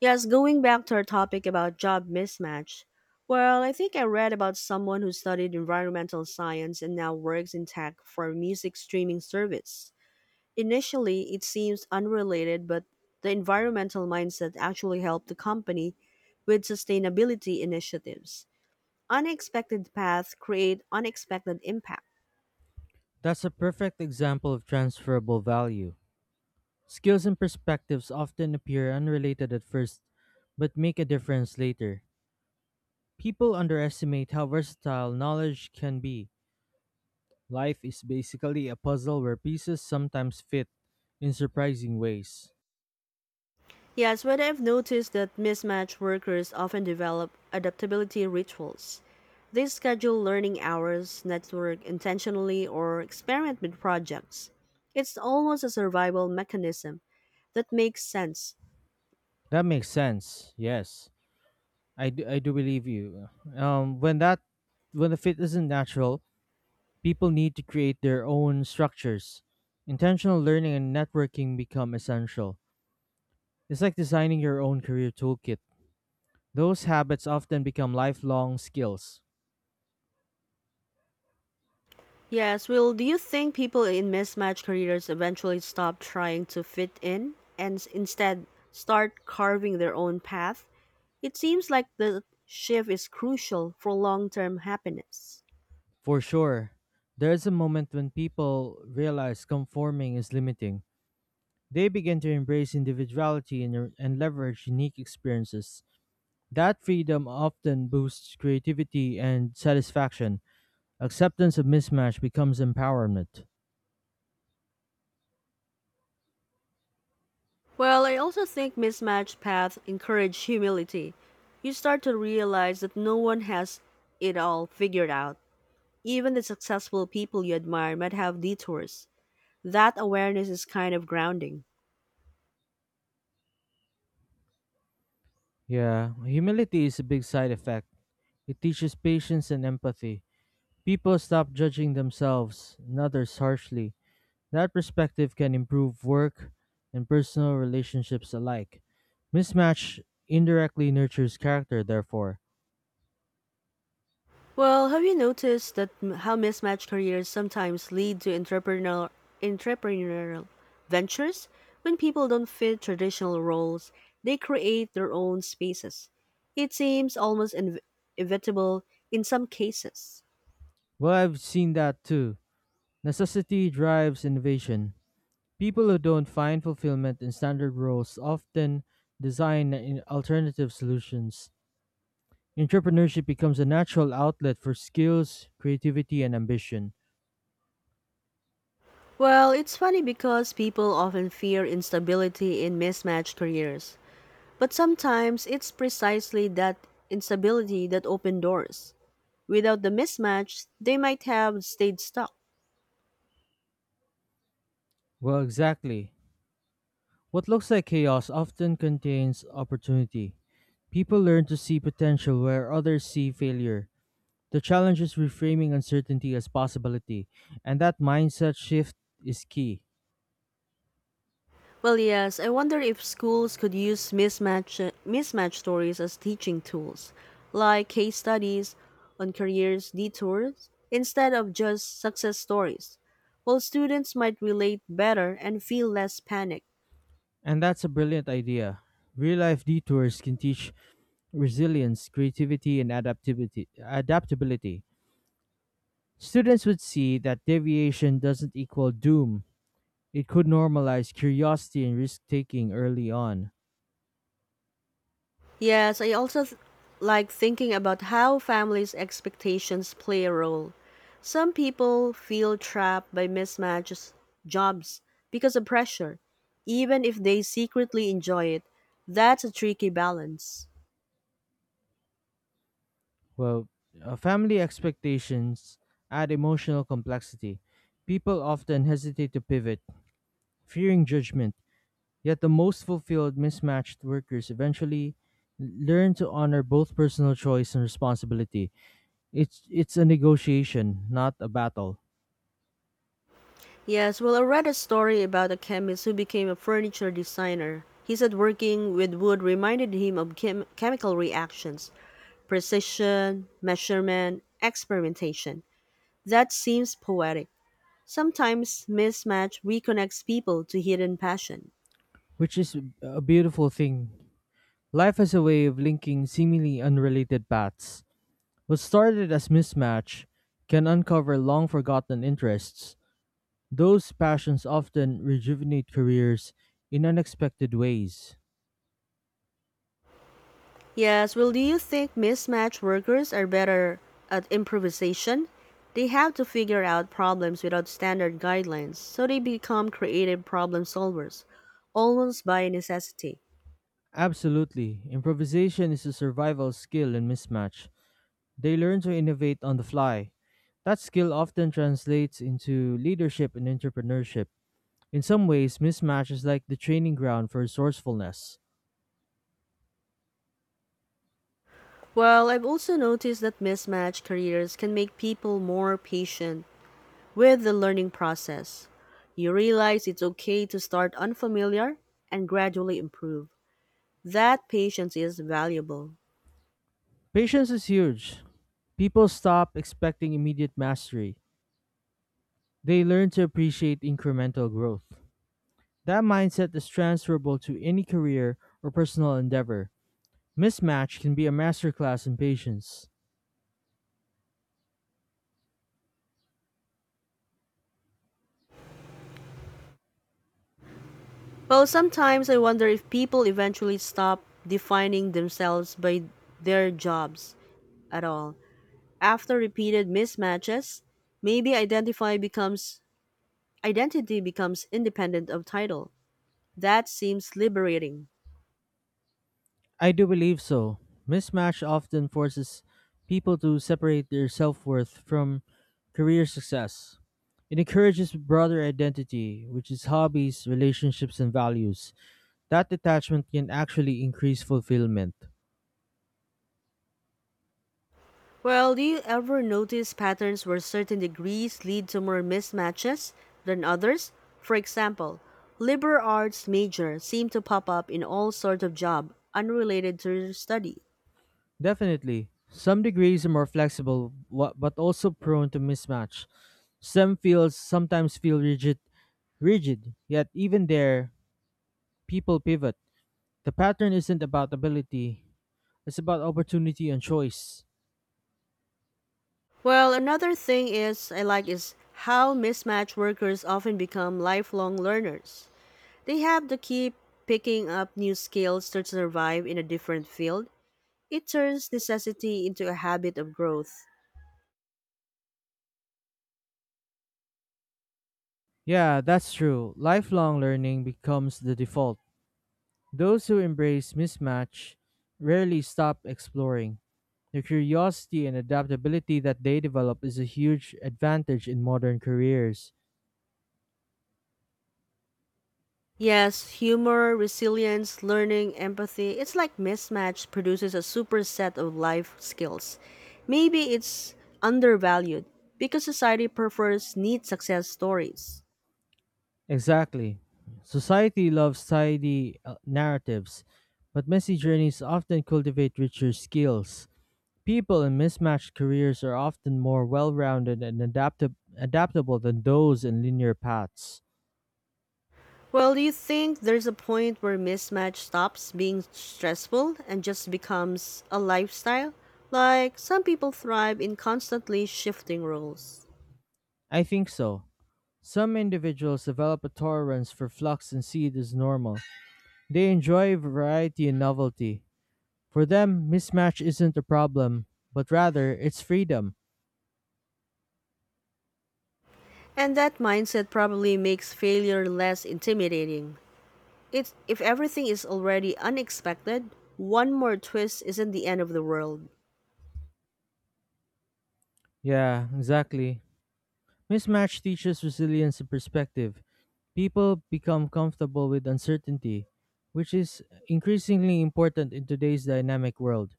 Yes, going back to our topic about job mismatch. Well, I think I read about someone who studied environmental science and now works in tech for a music streaming service. Initially, it seems unrelated, but the environmental mindset actually helped the company with sustainability initiatives. Unexpected paths create unexpected impact. That's a perfect example of transferable value. Skills and perspectives often appear unrelated at first, but make a difference later. People underestimate how versatile knowledge can be. Life is basically a puzzle where pieces sometimes fit in surprising ways. Yes, but I've noticed that mismatched workers often develop adaptability rituals. They schedule learning hours, network intentionally, or experiment with projects. It's almost a survival mechanism that makes sense. That makes sense. Yes, I do believe you. Um, when that when the fit isn't natural, people need to create their own structures. Intentional learning and networking become essential. It's like designing your own career toolkit. Those habits often become lifelong skills. Yes, Will, do you think people in mismatched careers eventually stop trying to fit in and instead start carving their own path? It seems like the shift is crucial for long term happiness. For sure, there's a moment when people realize conforming is limiting. They begin to embrace individuality and leverage unique experiences. That freedom often boosts creativity and satisfaction. Acceptance of mismatch becomes empowerment. Well, I also think mismatched paths encourage humility. You start to realize that no one has it all figured out. Even the successful people you admire might have detours. That awareness is kind of grounding. Yeah, humility is a big side effect. It teaches patience and empathy. People stop judging themselves and others harshly. That perspective can improve work and personal relationships alike. Mismatch indirectly nurtures character, therefore. Well, have you noticed how mismatched careers sometimes lead to entrepreneurial ventures? When people don't fit traditional roles, they create their own spaces. It seems almost inevitable in some cases. Well, I've seen that too. Necessity drives innovation. People who don't find fulfillment in standard roles often alternative solutions. Entrepreneurship becomes a natural outlet for skills, creativity, and ambition. Well, it's funny because people often fear instability in mismatched careers, but sometimes it's precisely that instability that opens doors. Without the mismatch, they might have stayed stuck. Well, exactly. What looks like chaos often contains opportunity. People learn to see potential where others see failure. The challenge is reframing uncertainty as possibility, and that mindset shift is key. Well, yes, I wonder if schools could use mismatch stories as teaching tools, like case studies on careers detours instead of just success stories. Well, students might relate better and feel less panic. And that's a brilliant idea. Real life detours can teach resilience, creativity, and adaptability. Students would see that deviation doesn't equal doom. It could normalize curiosity and risk taking early on. Yes, I also like thinking about how families' expectations play a role. Some people feel trapped by mismatched jobs because of pressure, even if they secretly enjoy it. That's a tricky balance. Well, family expectations add emotional complexity. People often hesitate to pivot, fearing judgment. Yet the most fulfilled mismatched workers eventually learn to honor both personal choice and responsibility. It's a negotiation, not a battle, Yes, well, I read a story about a chemist who became a furniture designer. He said working with wood reminded him of chemical reactions, precision, measurement, experimentation. That seems poetic. Sometimes mismatch reconnects people to hidden passion. which is a beautiful thing. Life has a way of linking seemingly unrelated paths. What started as mismatch can uncover long forgotten interests. Those passions often rejuvenate careers in unexpected ways. Yes, well, do you think mismatch workers are better at improvisation? They have to figure out problems without standard guidelines, so they become creative problem solvers, almost by necessity. Absolutely. Improvisation is a survival skill in mismatch. They learn to innovate on the fly. That skill often translates into leadership and entrepreneurship. In some ways, mismatch is like the training ground for resourcefulness. Well, I've also noticed that mismatch careers can make people more patient with the learning process. You realize it's okay to start unfamiliar and gradually improve. That patience is valuable. Patience is huge. People stop expecting immediate mastery. They learn to appreciate incremental growth. That mindset is transferable to any career or personal endeavor. Mismatch can be a masterclass in patience. Well, sometimes I wonder if people eventually stop defining themselves by their jobs at all. After repeated mismatches, maybe identify becomes identity becomes independent of title. That seems liberating. I do believe so. Mismatch often forces people to separate their self worth from career success. It encourages broader identity, which is hobbies, relationships, and values. That detachment can actually increase fulfillment. Well, do you ever notice patterns where certain degrees lead to more mismatches than others? For example, liberal arts major seem to pop up in all sorts of job unrelated to your study. Definitely. Some degrees are more flexible, but also prone to mismatch. Some fields sometimes feel rigid. Yet even there, people pivot. The pattern isn't about ability, it's about opportunity and choice. Well, another thing is I like is how mismatched workers often become lifelong learners. They have to keep picking up new skills to survive in a different field. It turns necessity into a habit of growth. Yeah, that's true. Lifelong learning becomes the default. Those who embrace mismatch rarely stop exploring. The curiosity and adaptability that they develop is a huge advantage in modern careers. Yes, humor, resilience, learning, empathy. It's like mismatch produces a superset of life skills. Maybe it's undervalued because society prefers neat success stories. Exactly. Society loves tidy narratives, but messy journeys often cultivate richer skills. People in mismatched careers are often more well rounded and adaptable than those in linear paths. Well, do you think there's a point where mismatch stops being stressful and just becomes a lifestyle? Like, some people thrive in constantly shifting roles. I think so. Some individuals develop a tolerance for flux and see it as normal. They enjoy variety and novelty. For them, mismatch isn't a problem, but rather it's freedom. And that mindset probably makes failure less intimidating. It's, if everything is already unexpected, one more twist isn't the end of the world. Yeah, exactly. Mismatch teaches resilience and perspective. People become comfortable with uncertainty, which is increasingly important in today's dynamic world.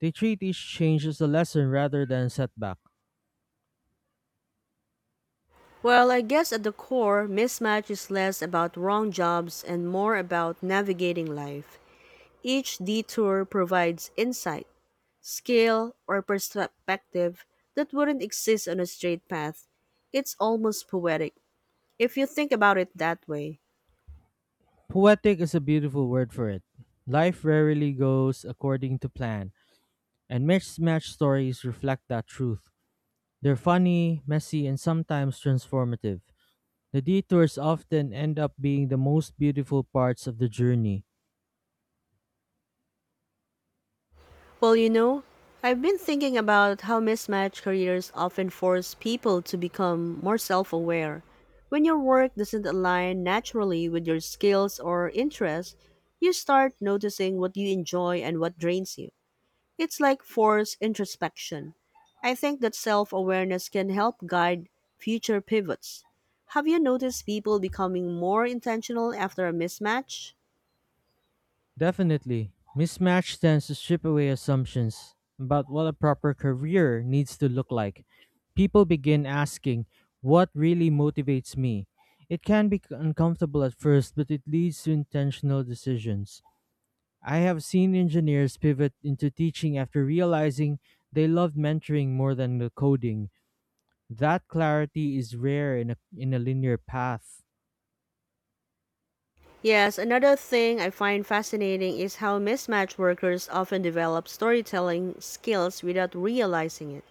They treat each change as a lesson rather than setback. Well, I guess at the core, mismatch is less about wrong jobs and more about navigating life. Each detour provides insight skill, or perspective that wouldn't exist on a straight path. It's almost poetic, if you think about it that way. Poetic is a beautiful word for it. Life rarely goes according to plan, and mismatched stories reflect that truth. They're funny, messy, and sometimes transformative. The detours often end up being the most beautiful parts of the journey. Well, you know, I've been thinking about how mismatched careers often force people to become more self aware. When your work doesn't align naturally with your skills or interests, you start noticing what you enjoy and what drains you. It's like forced introspection. I think that self awareness can help guide future pivots. Have you noticed people becoming more intentional after a mismatch? Definitely. Mismatch tends to strip away assumptions about what a proper career needs to look like. People begin asking, what really motivates me? It can be uncomfortable at first, but it leads to intentional decisions. I have seen engineers pivot into teaching after realizing they loved mentoring more than the coding. That clarity is rare in in a linear path. Yes, another thing I find fascinating is how mismatch workers often develop storytelling skills without realizing it.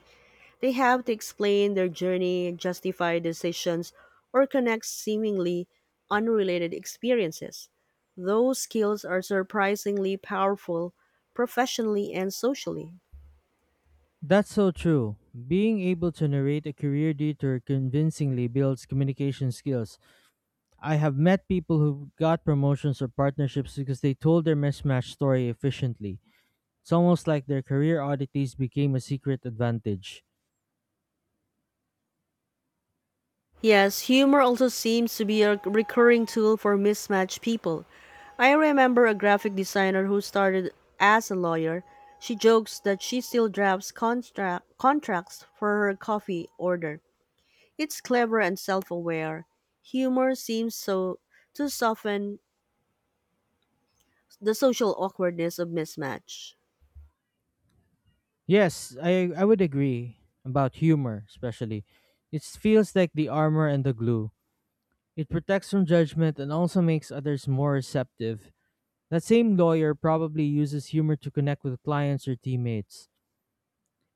They have to explain their journey, justify decisions, or connect seemingly unrelated experiences. Those skills are surprisingly powerful professionally and socially. That's so true. Being able to narrate a career detour convincingly builds communication skills. I have met people who got promotions or partnerships because they told their mismatch story efficiently. It's almost like their career oddities became a secret advantage. Yes, humor also seems to be a recurring tool for mismatched people. I remember a graphic designer who started as a lawyer. She jokes that she still drafts contracts for her coffee order. It's clever and self-aware. Humor seems so to soften the social awkwardness of mismatch. Yes, I would agree about humor, especially. It feels like the armor and the glue. It protects from judgment and also makes others more receptive. That same lawyer probably uses humor to connect with clients or teammates.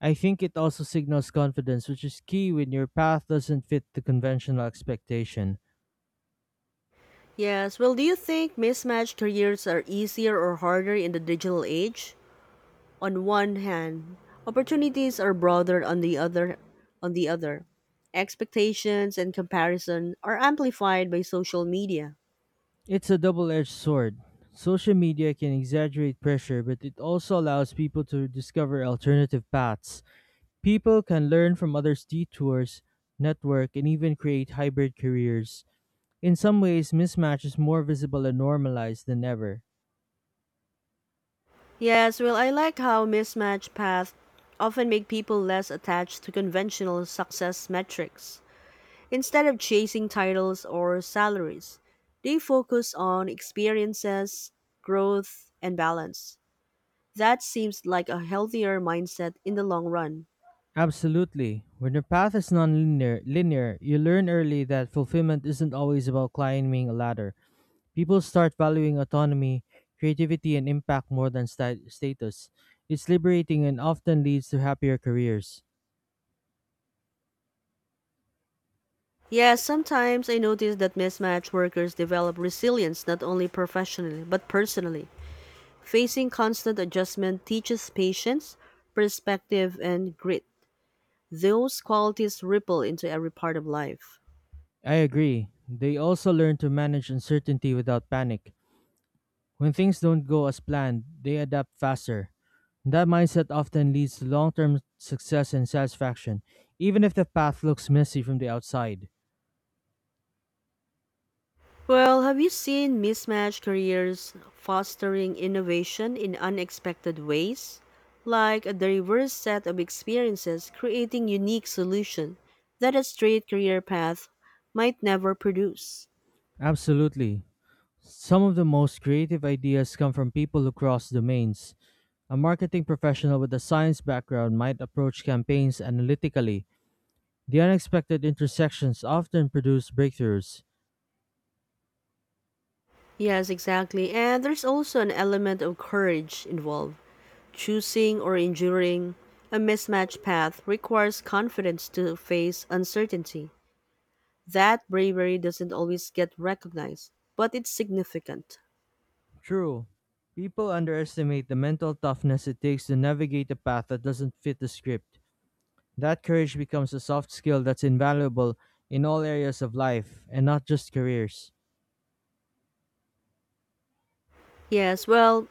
I think it also signals confidence, which is key when your path doesn't fit the conventional expectation. Yes, well, do you think mismatch careers are easier or harder in the digital age? On one hand, opportunities are broader on the other. Expectations and comparison are amplified by social media. It's a double edged sword. Social media can exaggerate pressure, but it also allows people to discover alternative paths. People can learn from others' detours, network, and even create hybrid careers. In some ways, mismatch is more visible and normalized than ever. Yes, well, I like how mismatch paths often make people less attached to conventional success metrics. Instead of chasing titles or salaries, they focus on experiences, growth, and balance. That seems like a healthier mindset in the long run. Absolutely. When your path is linear, you learn early that fulfillment isn't always about climbing a ladder. People start valuing autonomy, creativity, and impact more than status. It's liberating and often leads to happier careers. Yes, sometimes I notice that mismatched workers develop resilience not only professionally but personally. Facing constant adjustment teaches patience, perspective, and grit. Those qualities ripple into every part of life. I agree. They also learn to manage uncertainty without panic. When things don't go as planned, they adapt faster. That mindset often leads to long term success and satisfaction, even if the path looks messy from the outside. Well, have you seen mismatched careers fostering innovation in unexpected ways? Like a diverse set of experiences creating unique solution that a straight career path might never produce. Absolutely. Some of the most creative ideas come from people who cross domains. A marketing professional with a science background might approach campaigns analytically. The unexpected intersections often produce breakthroughs. Yes, exactly. And there's also an element of courage involved. Choosing or enduring a mismatched path requires confidence to face uncertainty. That bravery doesn't always get recognized, but it's significant. True, people underestimate the mental toughness it takes to navigate a path that doesn't fit the script. That courage becomes a soft skill that's invaluable in all areas of life and not just careers. Yes, well,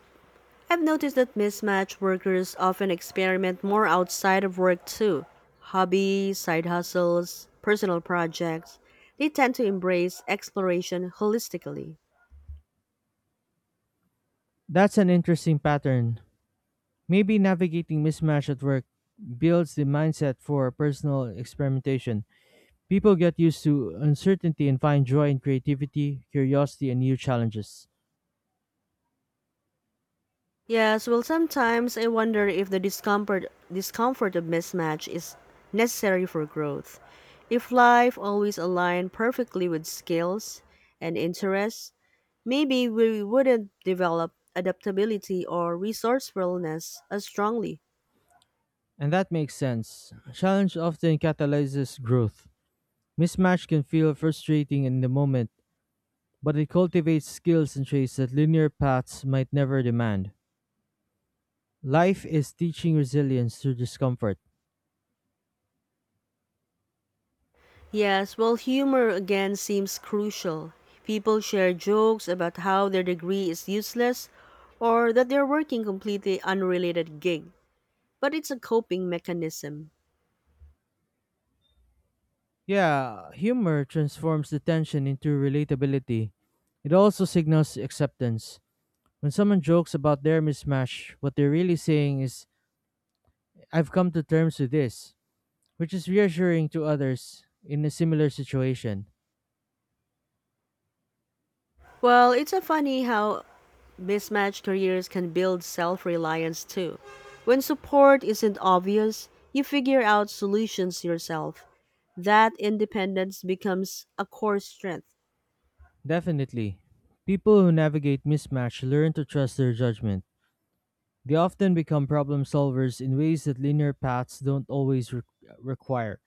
I've noticed that mismatch workers often experiment more outside of work too. Hobbies, side hustles, personal projects. They tend to embrace exploration holistically. That's an interesting pattern. Maybe navigating mismatch at work builds the mindset for personal experimentation. People get used to uncertainty and find joy in creativity, curiosity, and new challenges. Yes, well, sometimes I wonder if the discomfort of mismatch is necessary for growth. If life always aligned perfectly with skills and interests, maybe we wouldn't develop adaptability or resourcefulness as strongly. And that makes sense. Challenge often catalyzes growth. Mismatch can feel frustrating in the moment, but it cultivates skills and traits that linear paths might never demand. Life is teaching resilience through discomfort. Yes, well, humor again seems crucial. People share jokes about how their degree is useless or that they're working completely unrelated gig, but it's a coping mechanism. Yeah, humor transforms the tension into relatability. It also signals acceptance. When someone jokes about their mismatch, what they're really saying is I've come to terms with this, which is reassuring to others in a similar situation. Well, it's a funny how mismatched careers can build self-reliance too. When support isn't obvious, you figure out solutions yourself. That independence becomes a core strength. Definitely. People who navigate mismatch learn to trust their judgment. They often become problem solvers in ways that linear paths don't always require.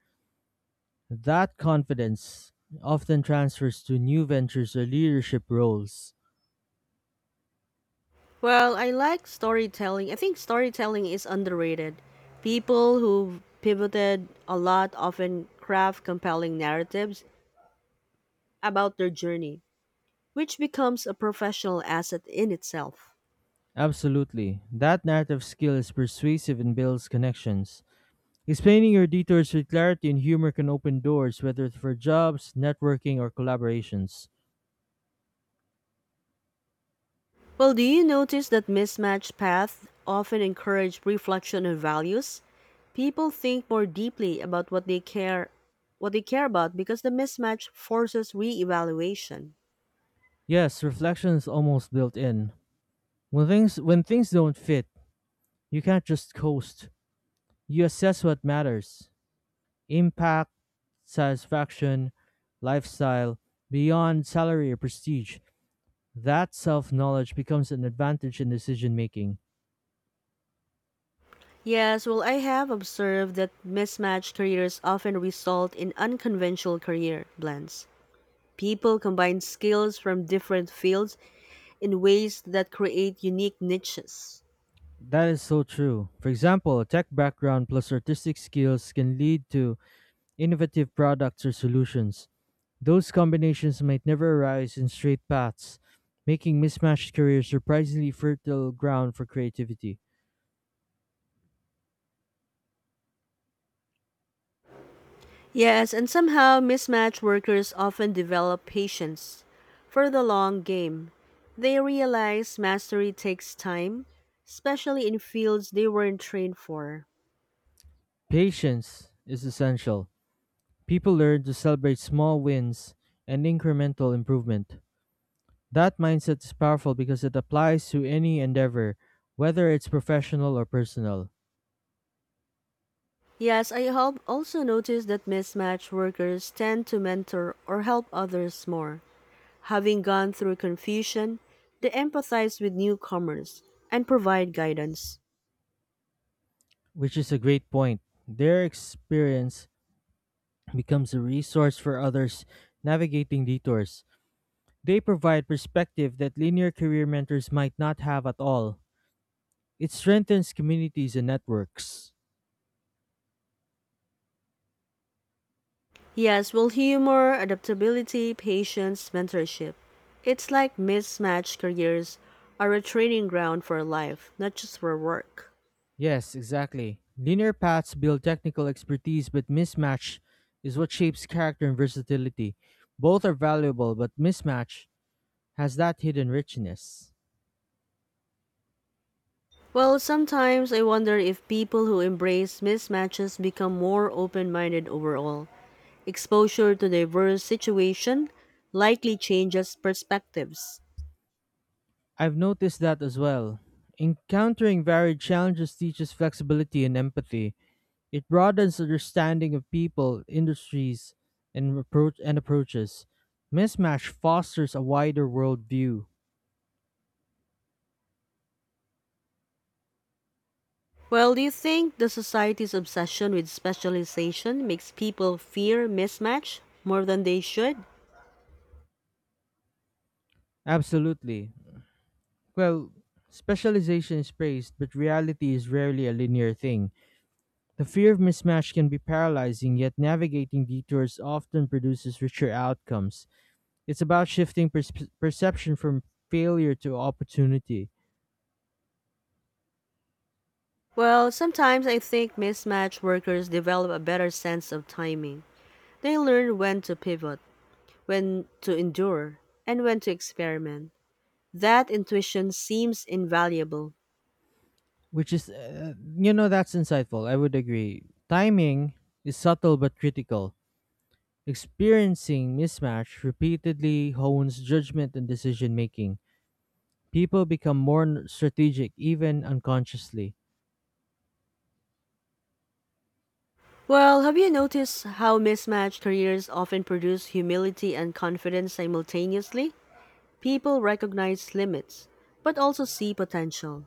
That confidence often transfers to new ventures or leadership roles. Well, I like storytelling. I think storytelling is underrated. People who pivoted a lot often craft compelling narratives about their journey, which becomes a professional asset in itself. Absolutely. That narrative skill is persuasive and builds connections. Explaining your detours with clarity and humor can open doors, whether it's for jobs, networking, or collaborations. Well, do you notice that mismatched paths often encourage reflection on values? People think more deeply about what they care about because the mismatch forces reevaluation. Yes, reflection is almost built in. When things don't fit, you can't just coast. You assess what matters: impact, satisfaction, lifestyle, beyond salary or prestige. That self-knowledge becomes an advantage in decision making. Yes, well, I have observed that mismatched careers often result in unconventional career blends. People combine skills from different fields in ways that create unique niches. That is so true. For example, a tech background plus artistic skills can lead to innovative products or solutions. Those combinations might never arise in straight paths, making mismatched careers surprisingly fertile ground for creativity. Yes, and somehow mismatched workers often develop patience for the long game. They realize mastery takes time, especially in fields they weren't trained for. Patience is essential. People learn to celebrate small wins and incremental improvement. That mindset is powerful because it applies to any endeavor, whether it's professional or personal, Yes, I have also noticed that mismatched workers tend to mentor or help others more. Having gone through confusion, they empathize with newcomers and provide guidance. which is a great point. Their experience becomes a resource for others navigating detours. They provide perspective that linear career mentors might not have at all. It strengthens communities and networks. Yes, well, humor, adaptability, patience, mentorship. It's like mismatched careers are a training ground for life, not just for work. Yes, exactly. Linear paths build technical expertise, but mismatch is what shapes character and versatility. Both are valuable, but mismatch has that hidden richness. Well, sometimes I wonder if people who embrace mismatches become more open minded overall. Exposure to diverse situation likely changes perspectives. I've noticed that as well. Encountering varied challenges teaches flexibility and empathy. It broadens understanding of people, industries, and approaches. Mismatch fosters a wider worldview. Well, do you think the society's obsession with specialization makes people fear mismatch more than they should? Absolutely. Well, specialization is praised, but reality is rarely a linear thing. The fear of mismatch can be paralyzing, yet navigating detours often produces richer outcomes. It's about shifting perception from failure to opportunity, Well, sometimes I think mismatch workers develop a better sense of timing. They learn when to pivot, when to endure, and when to experiment. That intuition seems invaluable. which is, you know, that's insightful. I would agree. Timing is subtle but critical. Experiencing mismatch repeatedly hones judgment and decision making. People become more strategic even unconsciously. Well, have you noticed how mismatched careers often produce humility and confidence simultaneously? People recognize limits, but also see potential.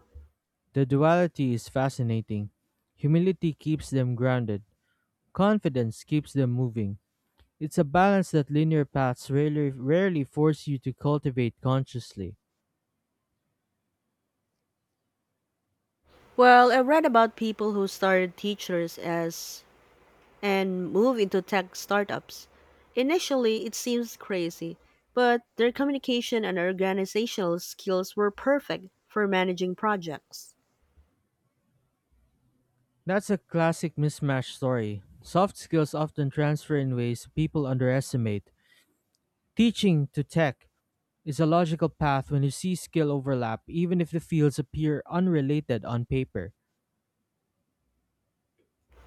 The duality is fascinating. Humility keeps them grounded, confidence keeps them moving. It's a balance that linear paths rarely force you to cultivate consciously. Well, I read about people who started teachers as and move into tech startups. Initially, it seems crazy, but their communication and organizational skills were perfect for managing projects. That's a classic mismatch story. Soft skills often transfer in ways people underestimate. Teaching to tech is a logical path when you see skill overlap, even if the fields appear unrelated on paper.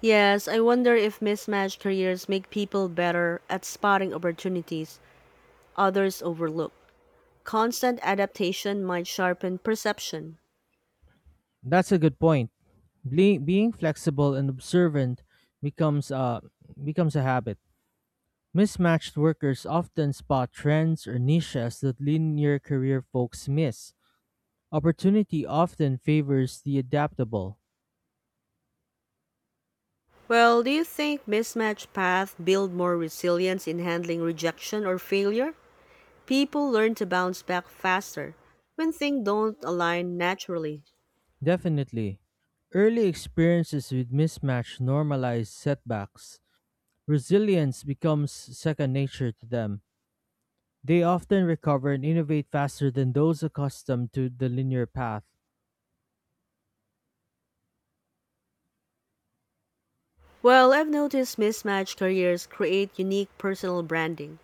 Yes, I wonder if mismatched careers make people better at spotting opportunities others overlook. Constant adaptation might sharpen perception. That's a good point. Being flexible and observant becomes a becomes a habit. Mismatched workers often spot trends or niches that linear career folks miss. Opportunity often favors the adaptable. Well, do you think mismatched paths build more resilience in handling rejection or failure? People learn to bounce back faster when things don't align naturally. Definitely. Early experiences with mismatch normalize setbacks. Resilience becomes second nature to them. They often recover and innovate faster than those accustomed to the linear path. Well, I've noticed mismatched careers create unique personal branding.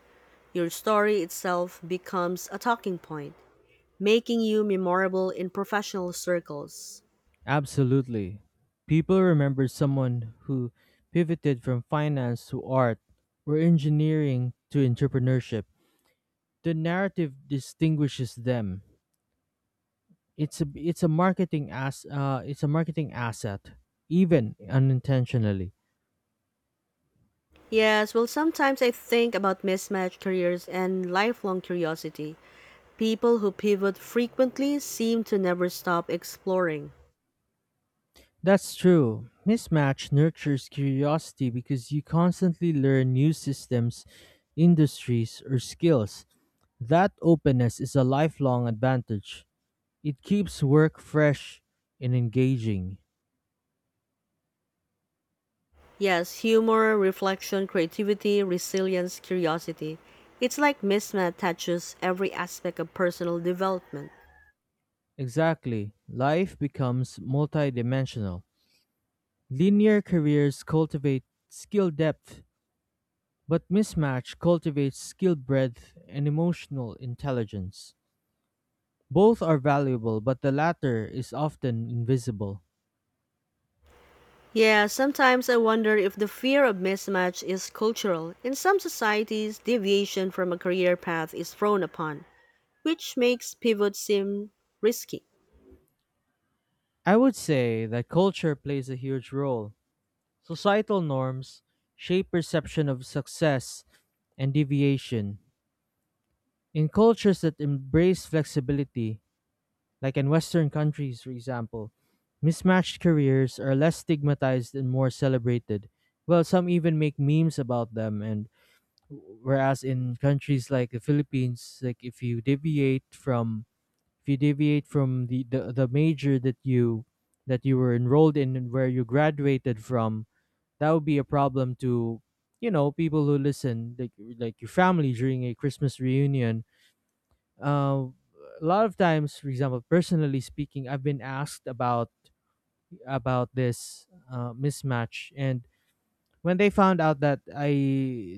Your story itself becomes a talking point, making you memorable in professional circles. Absolutely. People remember someone who pivoted from finance to art or engineering to entrepreneurship. The narrative distinguishes them. It's a marketing asset, even unintentionally. Yes, well, sometimes I think about mismatched careers and lifelong curiosity. People who pivot frequently seem to never stop exploring. That's true. Mismatch nurtures curiosity because you constantly learn new systems, industries, or skills. That openness is a lifelong advantage. It keeps work fresh and engaging. Yes, humor, reflection, creativity, resilience, curiosity. It's like mismatch touches every aspect of personal development. Exactly. Life becomes multidimensional. Linear careers cultivate skill depth, but mismatch cultivates skill breadth and emotional intelligence. Both are valuable, but the latter is often invisible. Yeah, sometimes I wonder if the fear of mismatch is cultural. In some societies, deviation from a career path is frowned upon, which makes pivot seem risky. I would say that culture plays a huge role. Societal norms shape perception of success and deviation. In cultures that embrace flexibility, like in Western countries, for example, mismatched careers are less stigmatized and more celebrated. Well, some even make memes about them. And whereas in countries like the Philippines, like if you deviate from if you deviate from the major that you were enrolled in and where you graduated from, that would be a problem to, you know, people who listen, like your family during a Christmas reunion. uh, a lot of times, for example, personally speaking, I've been asked about this mismatch. And when they found out that I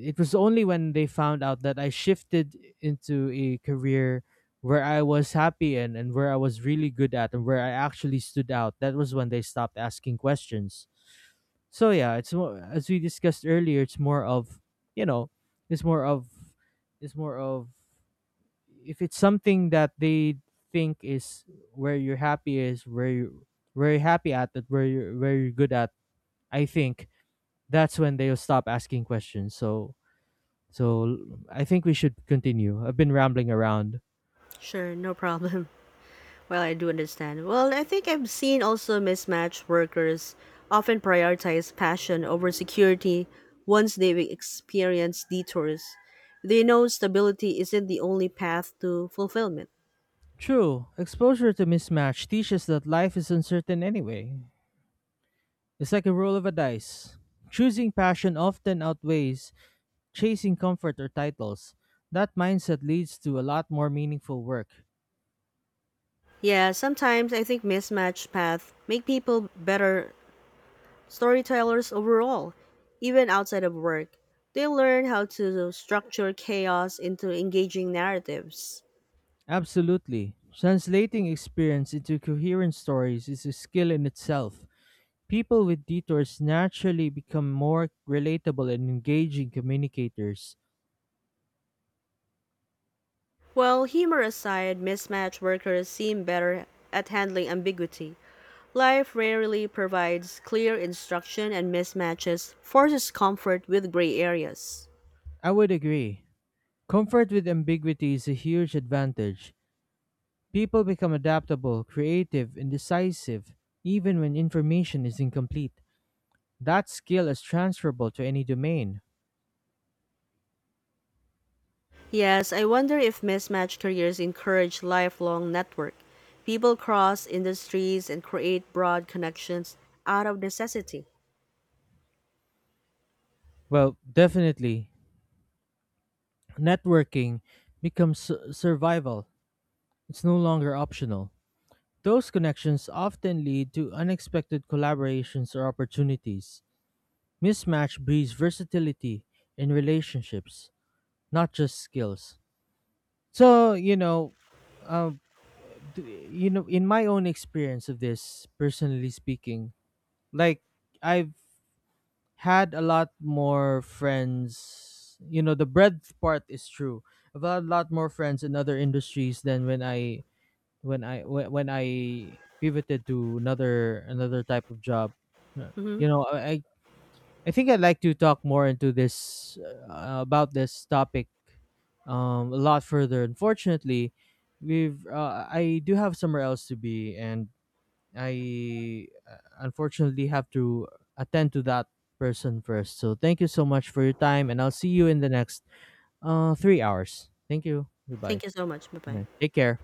it was only when they found out that I shifted into a career where I was happy in and where I was really good at and where I actually stood out, that was when they stopped asking questions. So yeah, it's more, as we discussed earlier, it's more of, you know, it's more of it's more of if it's something that they think is, where you're happy is where you, where you're, good at, I think, that's when they'll stop asking questions. So I think we should continue. I've been rambling around. Sure, no problem. Well, I do understand. Well, I think I've seen also mismatched workers often prioritize passion over security once they've experienced detours. They know stability isn't the only path to fulfillment. True, exposure to mismatch teaches that life is uncertain anyway. It's like a roll of a dice. Choosing passion often outweighs chasing comfort or titles. That mindset leads to a lot more meaningful work. Yeah, sometimes I think mismatched paths make people better storytellers overall, even outside of work. They learn how to structure chaos into engaging narratives. Absolutely. Translating experience into coherent stories is a skill in itself. People with detours naturally become more relatable and engaging communicators. Well, humor aside, mismatch workers seem better at handling ambiguity. Life rarely provides clear instruction, and mismatches forces comfort with gray areas. I would agree. Comfort with ambiguity is a huge advantage. People become adaptable, creative, and decisive, even when information is incomplete. That skill is transferable to any domain. Yes, I wonder if mismatched careers encourage lifelong network. People cross industries and create broad connections out of necessity. Well, definitely. Networking becomes survival, it's no longer optional. Those connections often lead to unexpected collaborations or opportunities. Mismatch breeds versatility in relationships, not just skills. So, you know, um, you know, in my own experience of this, personally speaking, like I've had a lot more friends. You know, the breadth part is true. I've had a lot more friends in other industries than when I when I pivoted to another type of job. Uh, Hmm. You know, I think I'd like to talk more into this about this topic, a lot further. Unfortunately, we've I do have somewhere else to be, and I unfortunately have to attend to that person first. So thank you so much for your time, and I'll see you in the next 3 hours. Thank you. Thank Goodbye. you so much. Bye bye. Yeah. Take care.